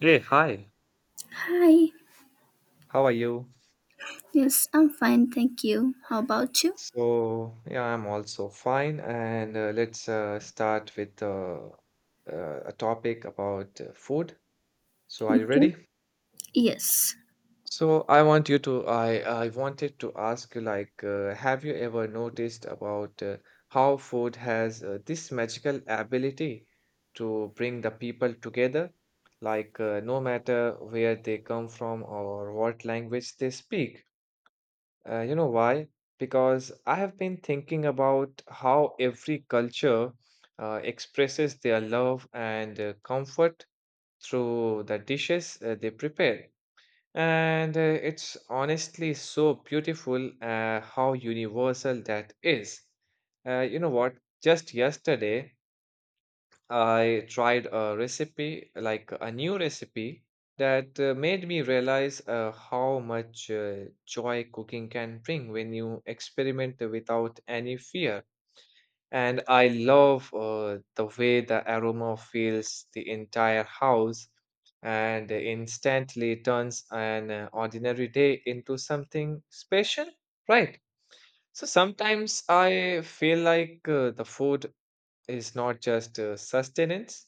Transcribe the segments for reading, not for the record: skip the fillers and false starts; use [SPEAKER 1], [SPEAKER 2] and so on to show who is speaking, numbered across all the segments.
[SPEAKER 1] Hey, hi.
[SPEAKER 2] Hi.
[SPEAKER 1] How are you?
[SPEAKER 2] Yes, I'm fine, thank you. How about you?
[SPEAKER 1] So, yeah, I'm also fine. And let's start with a topic about food. So, are you
[SPEAKER 2] Okay.
[SPEAKER 1] ready?
[SPEAKER 2] Yes,
[SPEAKER 1] So, I wanted to ask you, like, have you ever noticed about how food has this magical ability to bring the people together? Like, no matter where they come from or what language they speak. You know why? Because I have been thinking about how every culture expresses their love and comfort through the dishes they prepare. And it's honestly so beautiful how universal that is. You know what? Just yesterday, I tried a recipe, like a new recipe, that made me realize how much joy cooking can bring when you experiment without any fear. And I love the way the aroma fills the entire house and instantly turns an ordinary day into something special, right? So sometimes I feel like the food is not just sustenance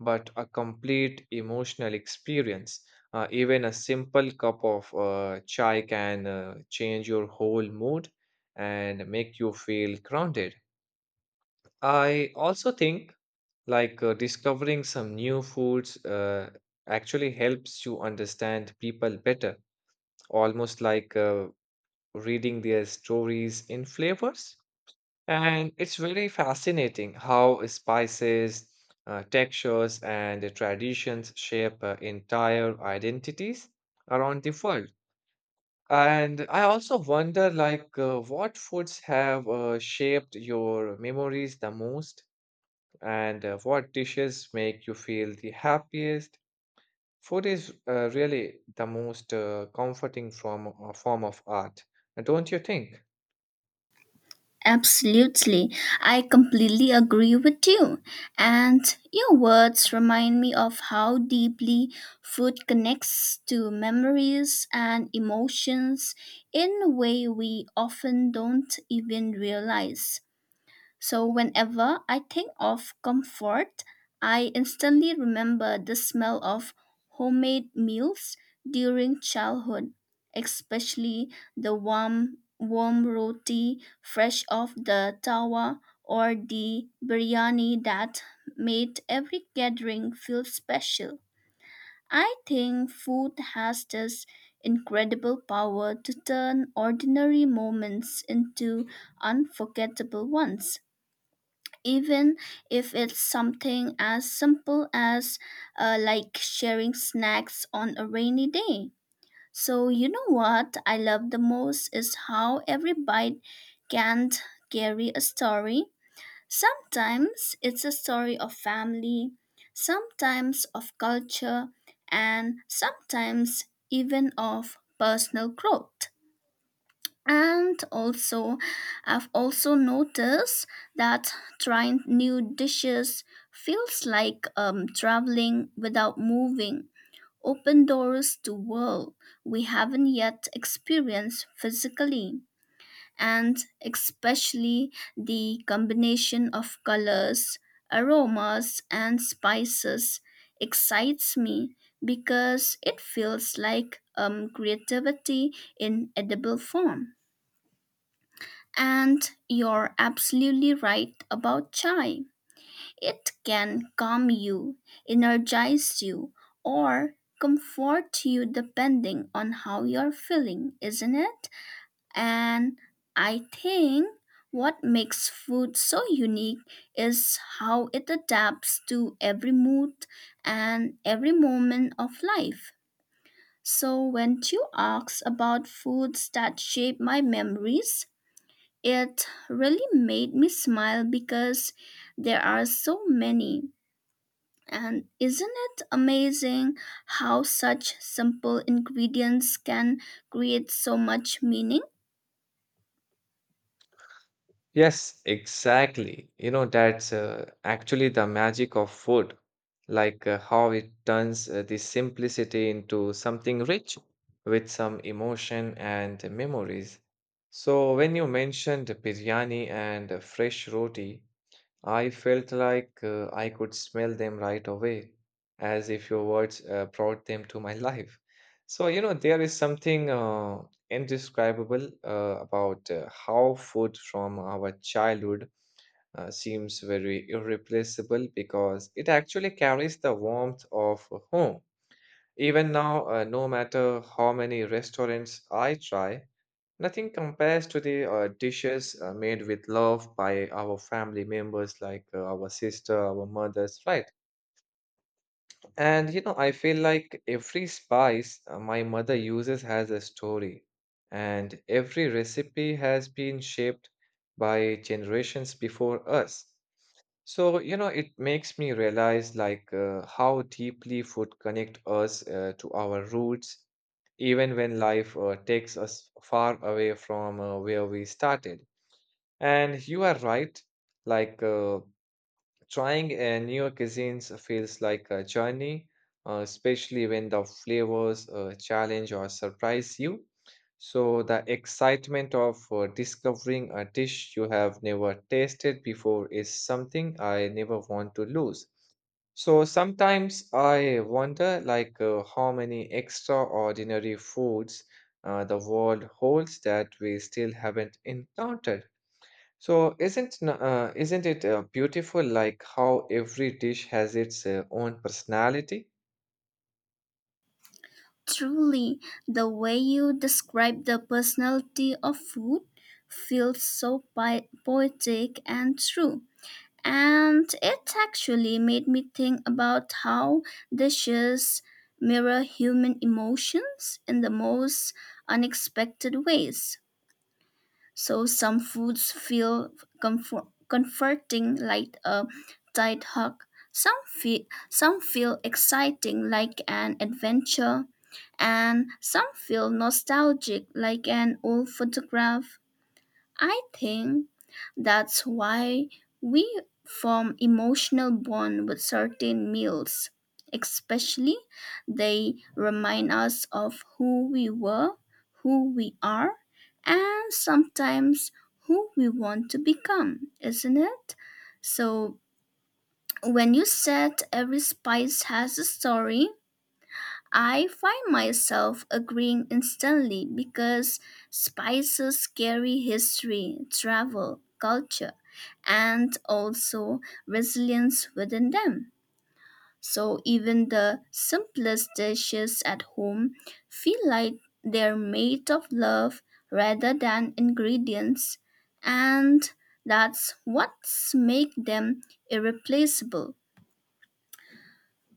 [SPEAKER 1] but a complete emotional experience. Even a simple cup of chai can change your whole mood and make you feel grounded. I also think like discovering some new foods actually helps you understand people better, almost like reading their stories in flavors. And it's really fascinating how spices, textures, and the traditions shape entire identities around the world. And I also wonder, like, what foods have shaped your memories the most, and what dishes make you feel the happiest. Food is really the most comforting form of art, don't you think?
[SPEAKER 2] absolutely. I completely agree with you. And your words remind me of how deeply food connects to memories and emotions in a way we often don't even realize. So whenever I think of comfort, I instantly remember the smell of homemade meals during childhood, especially the warm roti fresh off the tawa, or the biryani that made every gathering feel special. I think food has this incredible power to turn ordinary moments into unforgettable ones, even if it's something as simple as like sharing snacks on a rainy day. So, you know what I love the most is how every bite can carry a story. Sometimes it's a story of family, sometimes of culture, and sometimes even of personal growth. And also, I've also noticed that trying new dishes feels like traveling without moving, open doors to world we haven't yet experienced physically. And especially, the combination of colors, aromas and spices excites me because it feels like creativity in edible form. And you're absolutely right about chai. It can calm you, energize you, or comfort you depending on how you're feeling, isn't it? And I think what makes food so unique is how it adapts to every mood and every moment of life. So, when you ask about foods that shape my memories, it really made me smile because there are so many. And isn't it amazing how such simple ingredients can create so much meaning?
[SPEAKER 1] Yes, exactly. You know, that's actually the magic of food, like how it turns the simplicity into something rich with some emotion and memories. So, when you mentioned biryani and fresh roti, I felt like I could smell them right away, as if your words brought them to my life. So, you know, there is something indescribable about how food from our childhood seems very irreplaceable because it actually carries the warmth of home. Even now, no matter how many restaurants I try, nothing compares to the dishes made with love by our family members, like our sister, our mothers, right? And you know, I feel like every spice my mother uses has a story, and every recipe has been shaped by generations before us. So, you know, it makes me realize like how deeply food connect us to our roots, even when life takes us far away from where we started. And you are right, like trying newer cuisines feels like a journey, especially when the flavors challenge or surprise you. So, the excitement of discovering a dish you have never tasted before is something I never want to lose. So sometimes I wonder, like, how many extraordinary foods the world holds that we still haven't encountered. So isn't it beautiful like how every dish has its own personality?
[SPEAKER 2] Truly, the way you describe the personality of food feels so poetic and true. And it actually made me think about how dishes mirror human emotions in the most unexpected ways. So some foods feel comforting like a tight hug. Some feel, some feel exciting like an adventure, and some feel nostalgic like an old photograph. I think that's why we form emotional bond with certain meals. Especially, they remind us of who we were, who we are, and sometimes who we want to become, isn't it? So, when you said every spice has a story, I find myself agreeing instantly because Spicer's scary history, travel, culture, and also resilience within them. So even the simplest dishes at home feel like they're made of love rather than ingredients, and that's what makes them irreplaceable.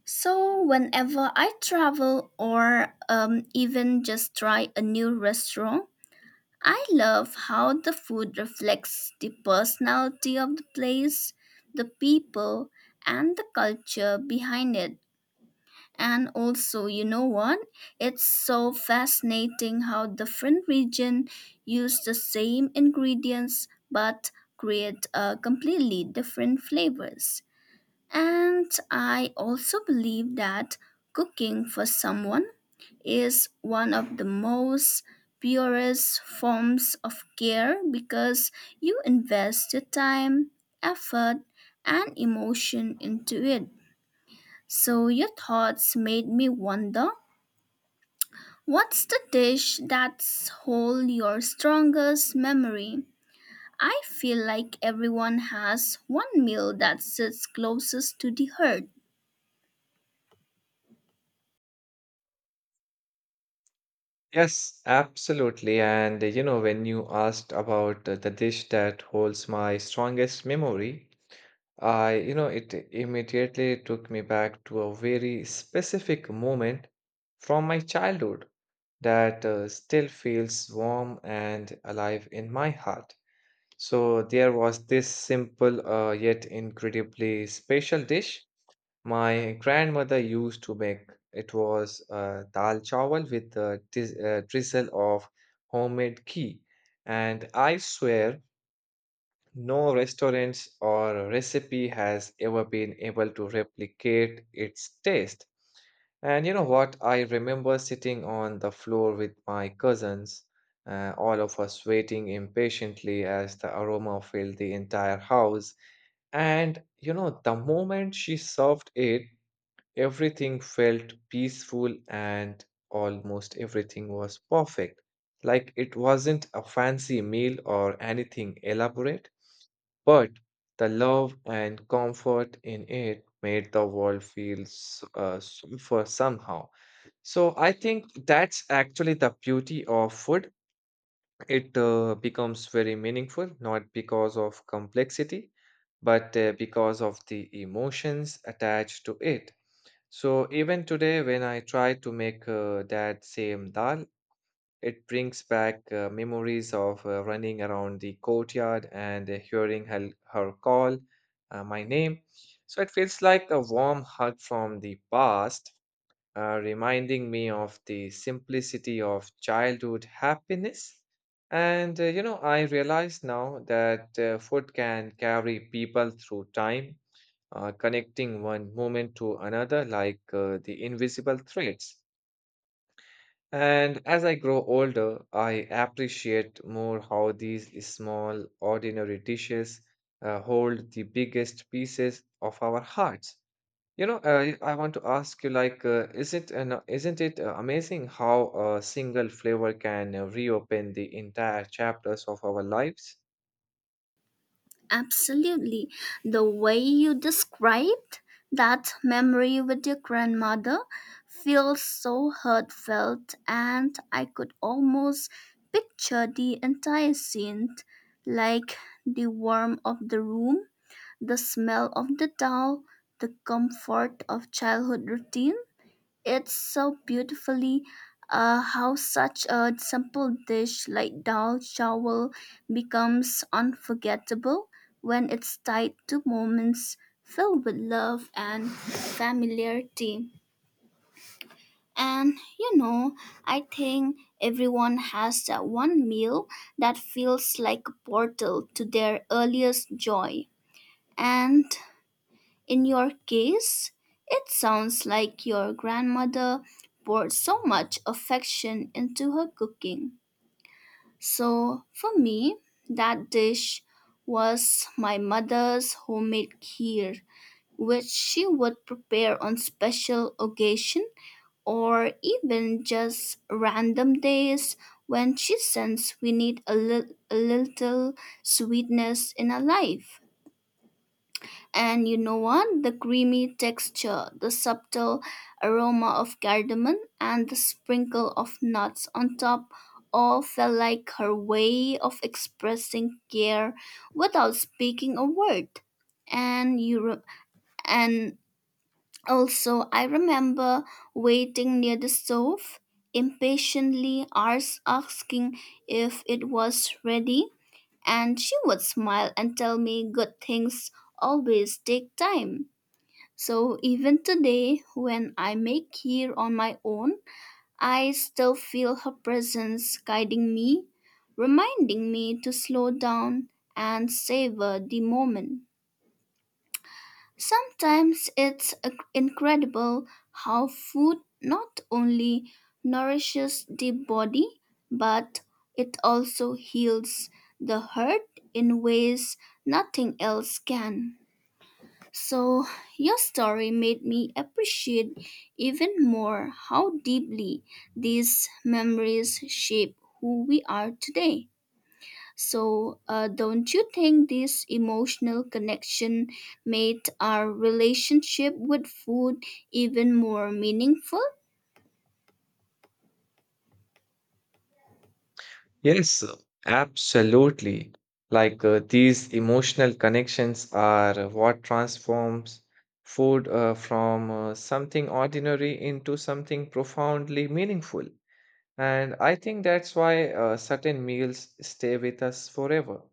[SPEAKER 2] So, whenever I travel or even just try a new restaurant, I love how the food reflects the personality of the place, the people, and the culture behind it. And also, you know what? It's so fascinating how different regions use the same ingredients but create completely different flavors. And I also believe that cooking for someone is one of the most purest forms of care because you invest your time, effort, and emotion into it. So your thoughts made me wonder, what's the dish that's hold your strongest memory? I feel like everyone has one meal that sits closest to the heart.
[SPEAKER 1] Yes, absolutely. And you know, when you asked about the dish that holds my strongest memory, it immediately took me back to a very specific moment from my childhood that still feels warm and alive in my heart. So there was this simple yet incredibly special dish my grandmother used to make. It was dal chawal with a drizzle of homemade ghee. And I swear no restaurants or recipe has ever been able to replicate its taste. And you know what? I remember sitting on the floor with my cousins, all of us waiting impatiently as the aroma filled the entire house. And you know, the moment she served it, everything felt peaceful and almost everything was perfect. Like it wasn't a fancy meal or anything elaborate, but the love and comfort in it made the world feel safer somehow. So I think that's actually the beauty of food. It becomes very meaningful, not because of complexity, but because of the emotions attached to it. So even today, when I try to make that same dal, it brings back memories of running around the courtyard and hearing her call my name. So it feels like a warm hug from the past, reminding me of the simplicity of childhood happiness. And you know, I realize now that food can carry people through time, connecting one moment to another like the invisible threads. And as I grow older, I appreciate more how these small, ordinary dishes hold the biggest pieces of our hearts. You know, I want to ask you, like, isn't it amazing how a single flavor can reopen the entire chapters of our lives?
[SPEAKER 2] Absolutely. The way you described that memory with your grandmother feels so heartfelt, and I could almost picture the entire scene, like the warmth of the room, the smell of the towel, the comfort of childhood routine. It's so beautifully how such a simple dish like dal chawal becomes unforgettable when it's tied to moments filled with love and familiarity. And you know, I think everyone has that one meal that feels like a portal to their earliest joy. And in your case, it sounds like your grandmother poured so much affection into her cooking. So, for me, that dish was my mother's homemade kheer, which she would prepare on special occasion or even just random days when she sensed we need a little sweetness in our life. And you know what? The creamy texture, the subtle aroma of cardamom, and the sprinkle of nuts on top all felt like her way of expressing care without speaking a word. And you re- and also I remember waiting near the stove, impatiently asking if it was ready, and she would smile and tell me good things always take time. So even today, when I make here on my own, I still feel her presence guiding me, reminding me to slow down and savor the moment. Sometimes it's incredible how food not only nourishes the body, but it also heals the hurt in ways nothing else can. So, your story made me appreciate even more how deeply these memories shape who we are today. So, don't you think this emotional connection made our relationship with food even more meaningful?
[SPEAKER 1] Yes, absolutely. Like these emotional connections are what transforms food from something ordinary into something profoundly meaningful. And I think that's why certain meals stay with us forever.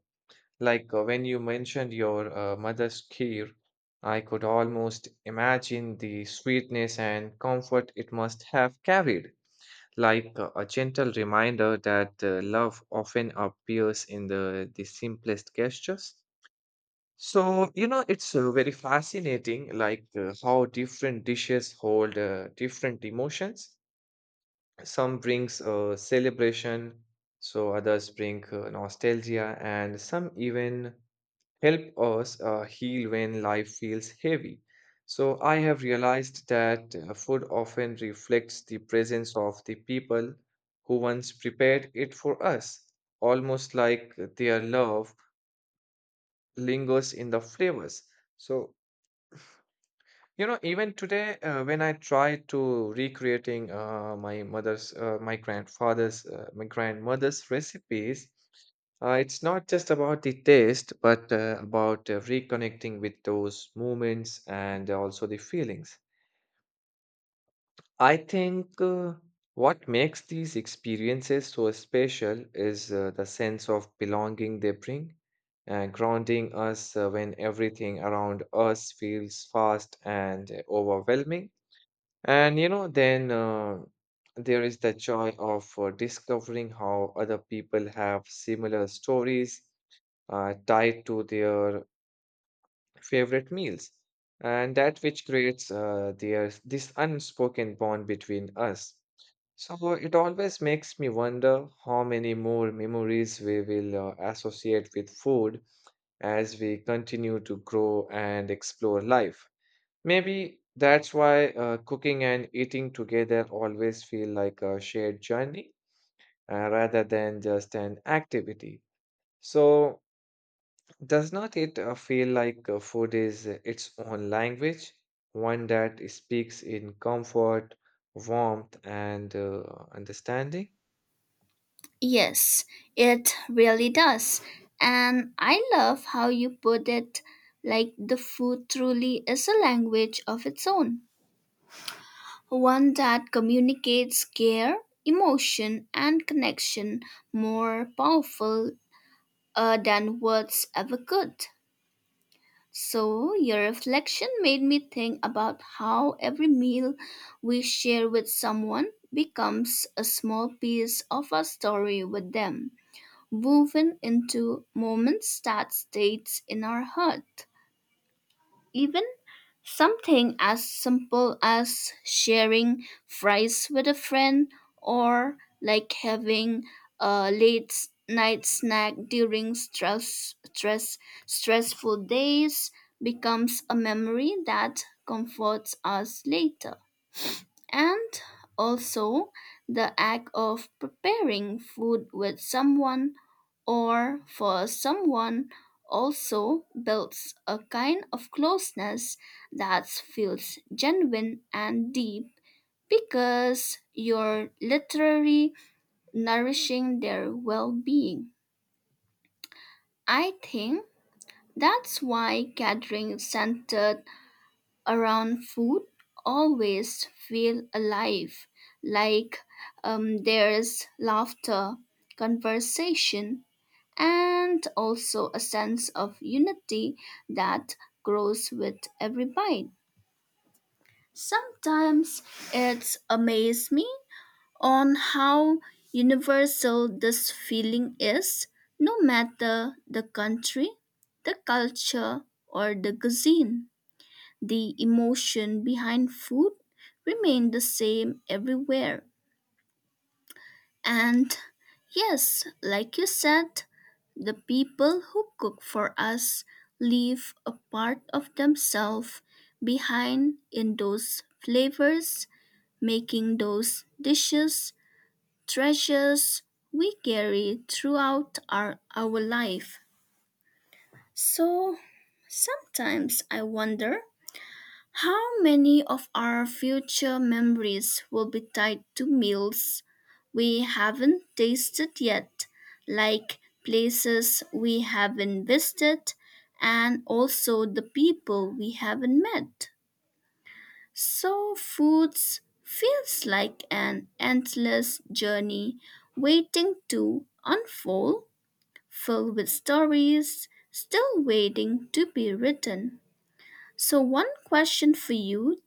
[SPEAKER 1] Like when you mentioned your mother's kheer, I could almost imagine the sweetness and comfort it must have carried, like a gentle reminder that love often appears in the simplest gestures. So, you know, it's very fascinating, like how different dishes hold different emotions. Some brings celebration, so others bring nostalgia, and some even help us heal when life feels heavy. So, I have realized that food often reflects the presence of the people who once prepared it for us, almost like their love lingers in the flavors. So, you know, even today, when I try to recreating my mother's, my grandfather's, my grandmother's recipes, it's not just about the taste, but about reconnecting with those moments and also the feelings. I think what makes these experiences so special is the sense of belonging they bring, grounding us when everything around us feels fast and overwhelming. And you know, then there is the joy of discovering how other people have similar stories tied to their favorite meals, and that which creates their this unspoken bond between us. So it always makes me wonder how many more memories we will associate with food as we continue to grow and explore life. Maybe that's why cooking and eating together always feel like a shared journey rather than just an activity. So, does not it feel like food is its own language, one that speaks in comfort, warmth, and understanding?
[SPEAKER 2] Yes, it really does. And I love how you put it, like the food truly is a language of its own, one that communicates care, emotion, and connection more powerful than words ever could. So, your reflection made me think about how every meal we share with someone becomes a small piece of our story with them, woven into moments that stays in our heart. Even something as simple as sharing fries with a friend or like having a night snack during stressful days becomes a memory that comforts us later. And also, the act of preparing food with someone or for someone also builds a kind of closeness that feels genuine and deep because you're literally nourishing their well-being. I think that's why gathering centered around food always feel alive, like there's laughter, conversation, and also a sense of unity that grows with every bite. Sometimes it's amaze me on how universal this feeling is, no matter the country, the culture, or the cuisine. The emotion behind food remained the same everywhere. And yes, like you said, the people who cook for us leave a part of themselves behind in those flavors, making those dishes treasures we carry throughout our life. So sometimes I wonder, how many of our future memories will be tied to meals we haven't tasted yet, like places we haven't visited, and also the people we haven't met? So, foods feels like an endless journey waiting to unfold, filled with stories still waiting to be written. So, one question for you,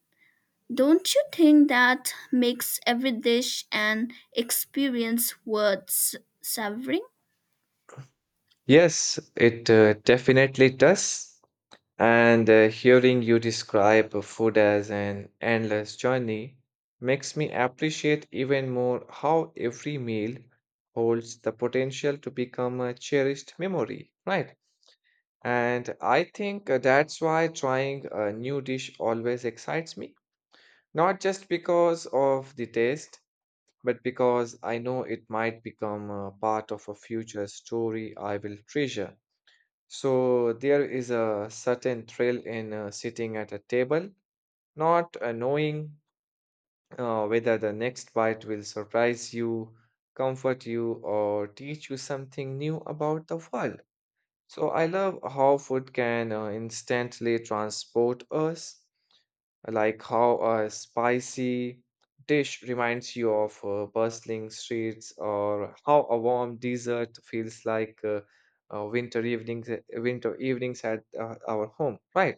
[SPEAKER 2] don't you think that makes every dish an experience worth savoring?
[SPEAKER 1] Yes, it definitely does. And hearing you describe food as an endless journey makes me appreciate even more how every meal holds the potential to become a cherished memory, right? And I think that's why trying a new dish always excites me, not just because of the taste, but because I know it might become a part of a future story I will treasure. So there is a certain thrill in sitting at a table, not knowing whether the next bite will surprise you, comfort you, or teach you something new about the world. So I love how food can instantly transport us, like how a spicy dish reminds you of bustling streets, or how a warm dessert feels like winter evenings at our home, right?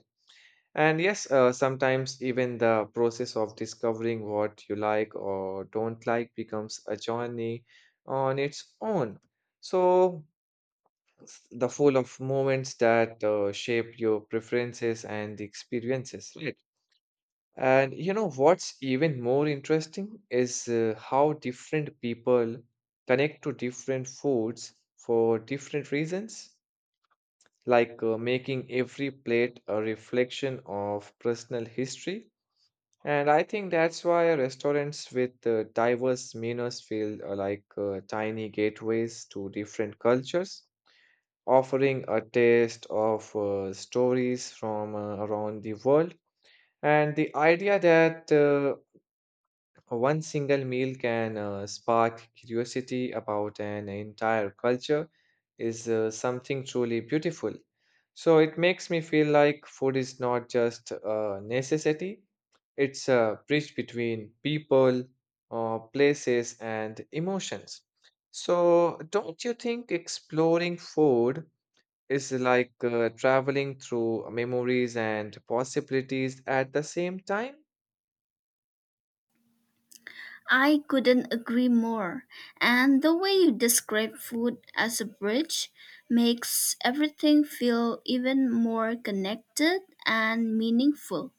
[SPEAKER 1] And yes, sometimes even the process of discovering what you like or don't like becomes a journey on its own. So, the full of moments that shape your preferences and experiences, right? And you know what's even more interesting is how different people connect to different foods for different reasons, like making every plate a reflection of personal history. And I think that's why restaurants with diverse menus feel like tiny gateways to different cultures, offering a taste of stories from around the world. And the idea that one single meal can spark curiosity about an entire culture is something truly beautiful. So it makes me feel like food is not just a necessity, it's a bridge between people, places, and emotions. So, don't you think exploring food is like traveling through memories and possibilities at the same time?
[SPEAKER 2] I couldn't agree more. And the way you describe food as a bridge makes everything feel even more connected and meaningful.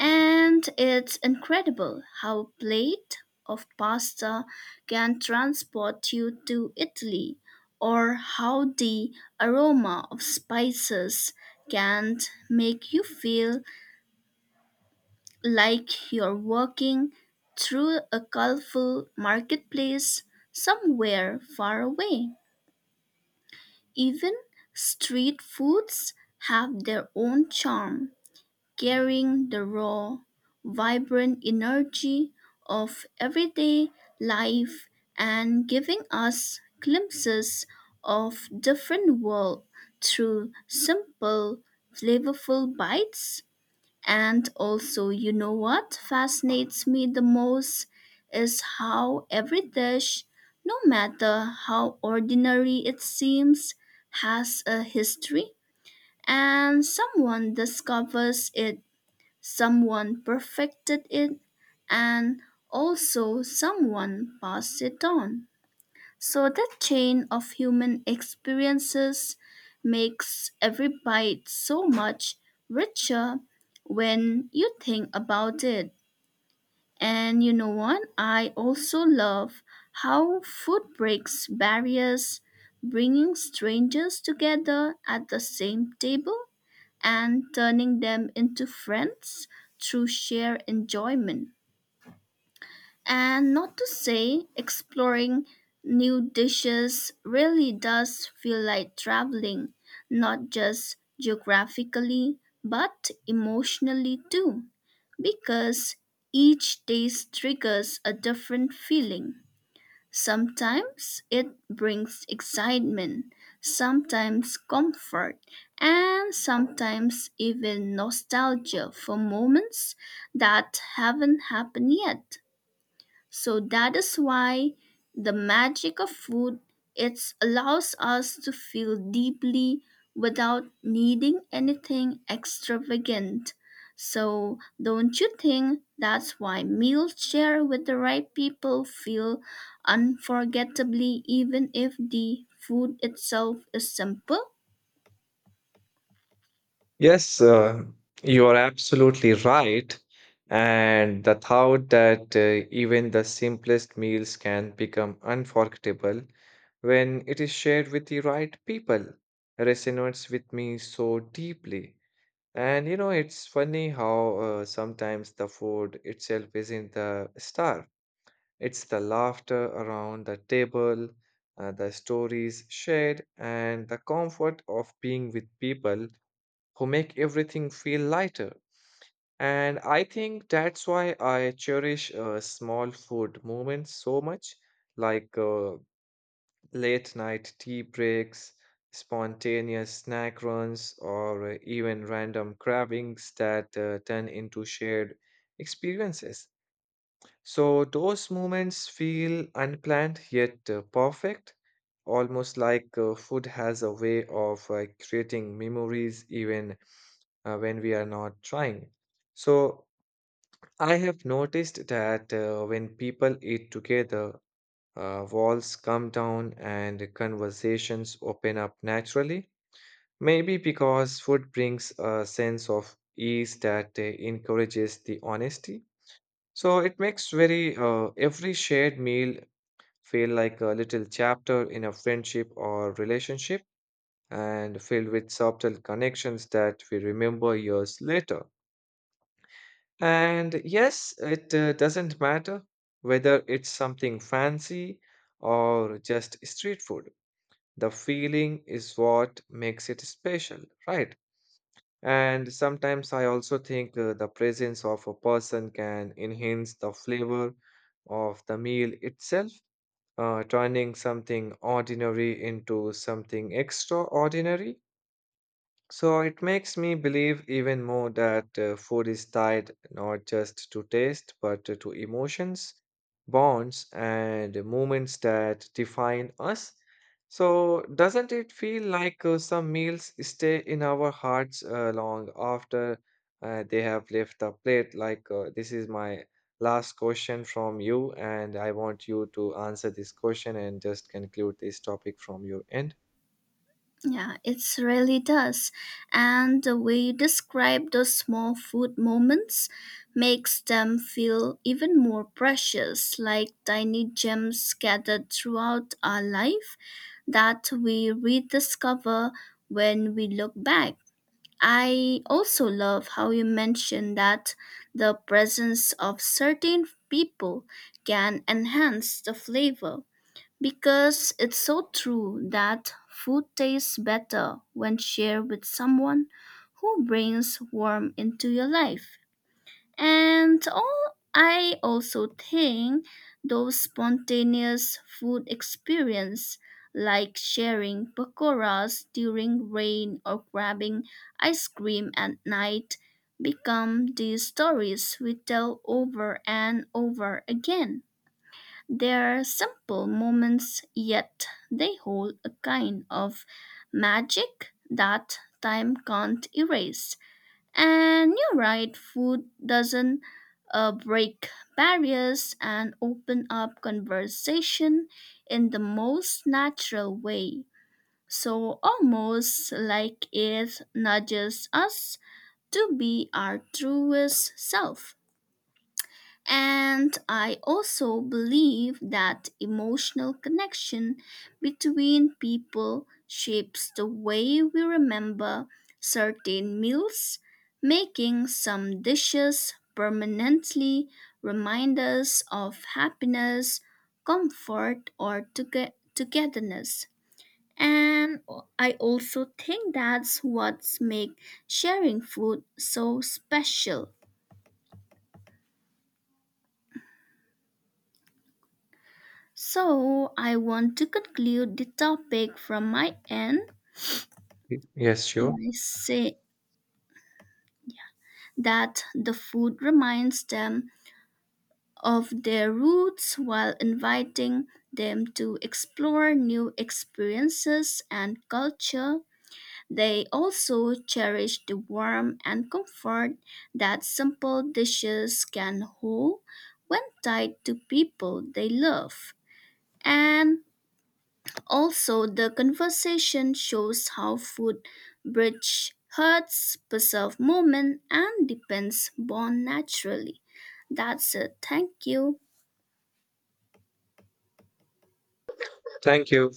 [SPEAKER 2] And it's incredible how a plate of pasta can transport you to Italy, or how the aroma of spices can make you feel like you're walking through a colorful marketplace somewhere far away. Even street foods have their own charm, carrying the raw, vibrant energy of everyday life and giving us glimpses of different world through simple, flavorful bites. And also, you know what fascinates me the most is how every dish, no matter how ordinary it seems, has a history, and someone discovers it, someone perfected it, and also someone passed it on. So that chain of human experiences makes every bite so much richer when you think about it. And you know what? I also love how food breaks barriers, bringing strangers together at the same table and turning them into friends through shared enjoyment. And not to say exploring new dishes really does feel like traveling, not just geographically, but emotionally too, because each taste triggers a different feeling. Sometimes it brings excitement, sometimes comfort, and sometimes even nostalgia for moments that haven't happened yet. So that is why the magic of food, it allows us to feel deeply without needing anything extravagant. So don't you think that's why meals shared with the right people feel unforgettably even if the food itself is simple?
[SPEAKER 1] Yes, you are absolutely right. And the thought that even the simplest meals can become unforgettable when it is shared with the right people resonates with me so deeply. And you know, it's funny how sometimes the food itself isn't the star, it's the laughter around the table, the stories shared, and the comfort of being with people who make everything feel lighter. And I think that's why I cherish small food moments so much, like late night tea breaks, spontaneous snack runs, or even random cravings that turn into shared experiences. So those moments feel unplanned yet perfect, almost like food has a way of creating memories even when we are not trying. So I have noticed that when people eat together, walls come down and conversations open up naturally. Maybe because food brings a sense of ease that encourages the honesty. So it makes very every shared meal feel like a little chapter in a friendship or relationship and filled with subtle connections that we remember years later. And yes, it doesn't matter whether it's something fancy or just street food. The feeling is what makes it special, right? And sometimes I also think the presence of a person can enhance the flavor of the meal itself, turning something ordinary into something extraordinary. So it makes me believe even more that food is tied not just to taste but to emotions, bonds, and moments that define us. So doesn't it feel like some meals stay in our hearts long after they have left the plate? Like this is my last question from you, and I want you to answer this question and just conclude this topic from your end.
[SPEAKER 2] Yeah, it really does. And the way you describe those small food moments makes them feel even more precious, like tiny gems scattered throughout our life that we rediscover when we look back. I also love how you mentioned that the presence of certain people can enhance the flavor, because it's so true that food tastes better when shared with someone who brings warmth into your life. And all, I also think those spontaneous food experience like sharing pakoras during rain or grabbing ice cream at night become the stories we tell over and over again. They're simple moments, yet they hold a kind of magic that time can't erase. And you're right, food doesn't break barriers and open up conversation in the most natural way. So, almost like it nudges us to be our truest self. And I also believe that emotional connection between people shapes the way we remember certain meals, making some dishes permanently remind us of happiness, comfort, or togetherness. And I also think that's what makes sharing food so special. So, I want to conclude the topic from my end
[SPEAKER 1] Yes, sure.
[SPEAKER 2] by saying that the food reminds them of their roots while inviting them to explore new experiences and culture. They also cherish the warmth and comfort that simple dishes can hold when tied to people they love. And also, the conversation shows how food bridge hurts, preserve moment, and depends born naturally. That's it. Thank you.
[SPEAKER 1] Thank you.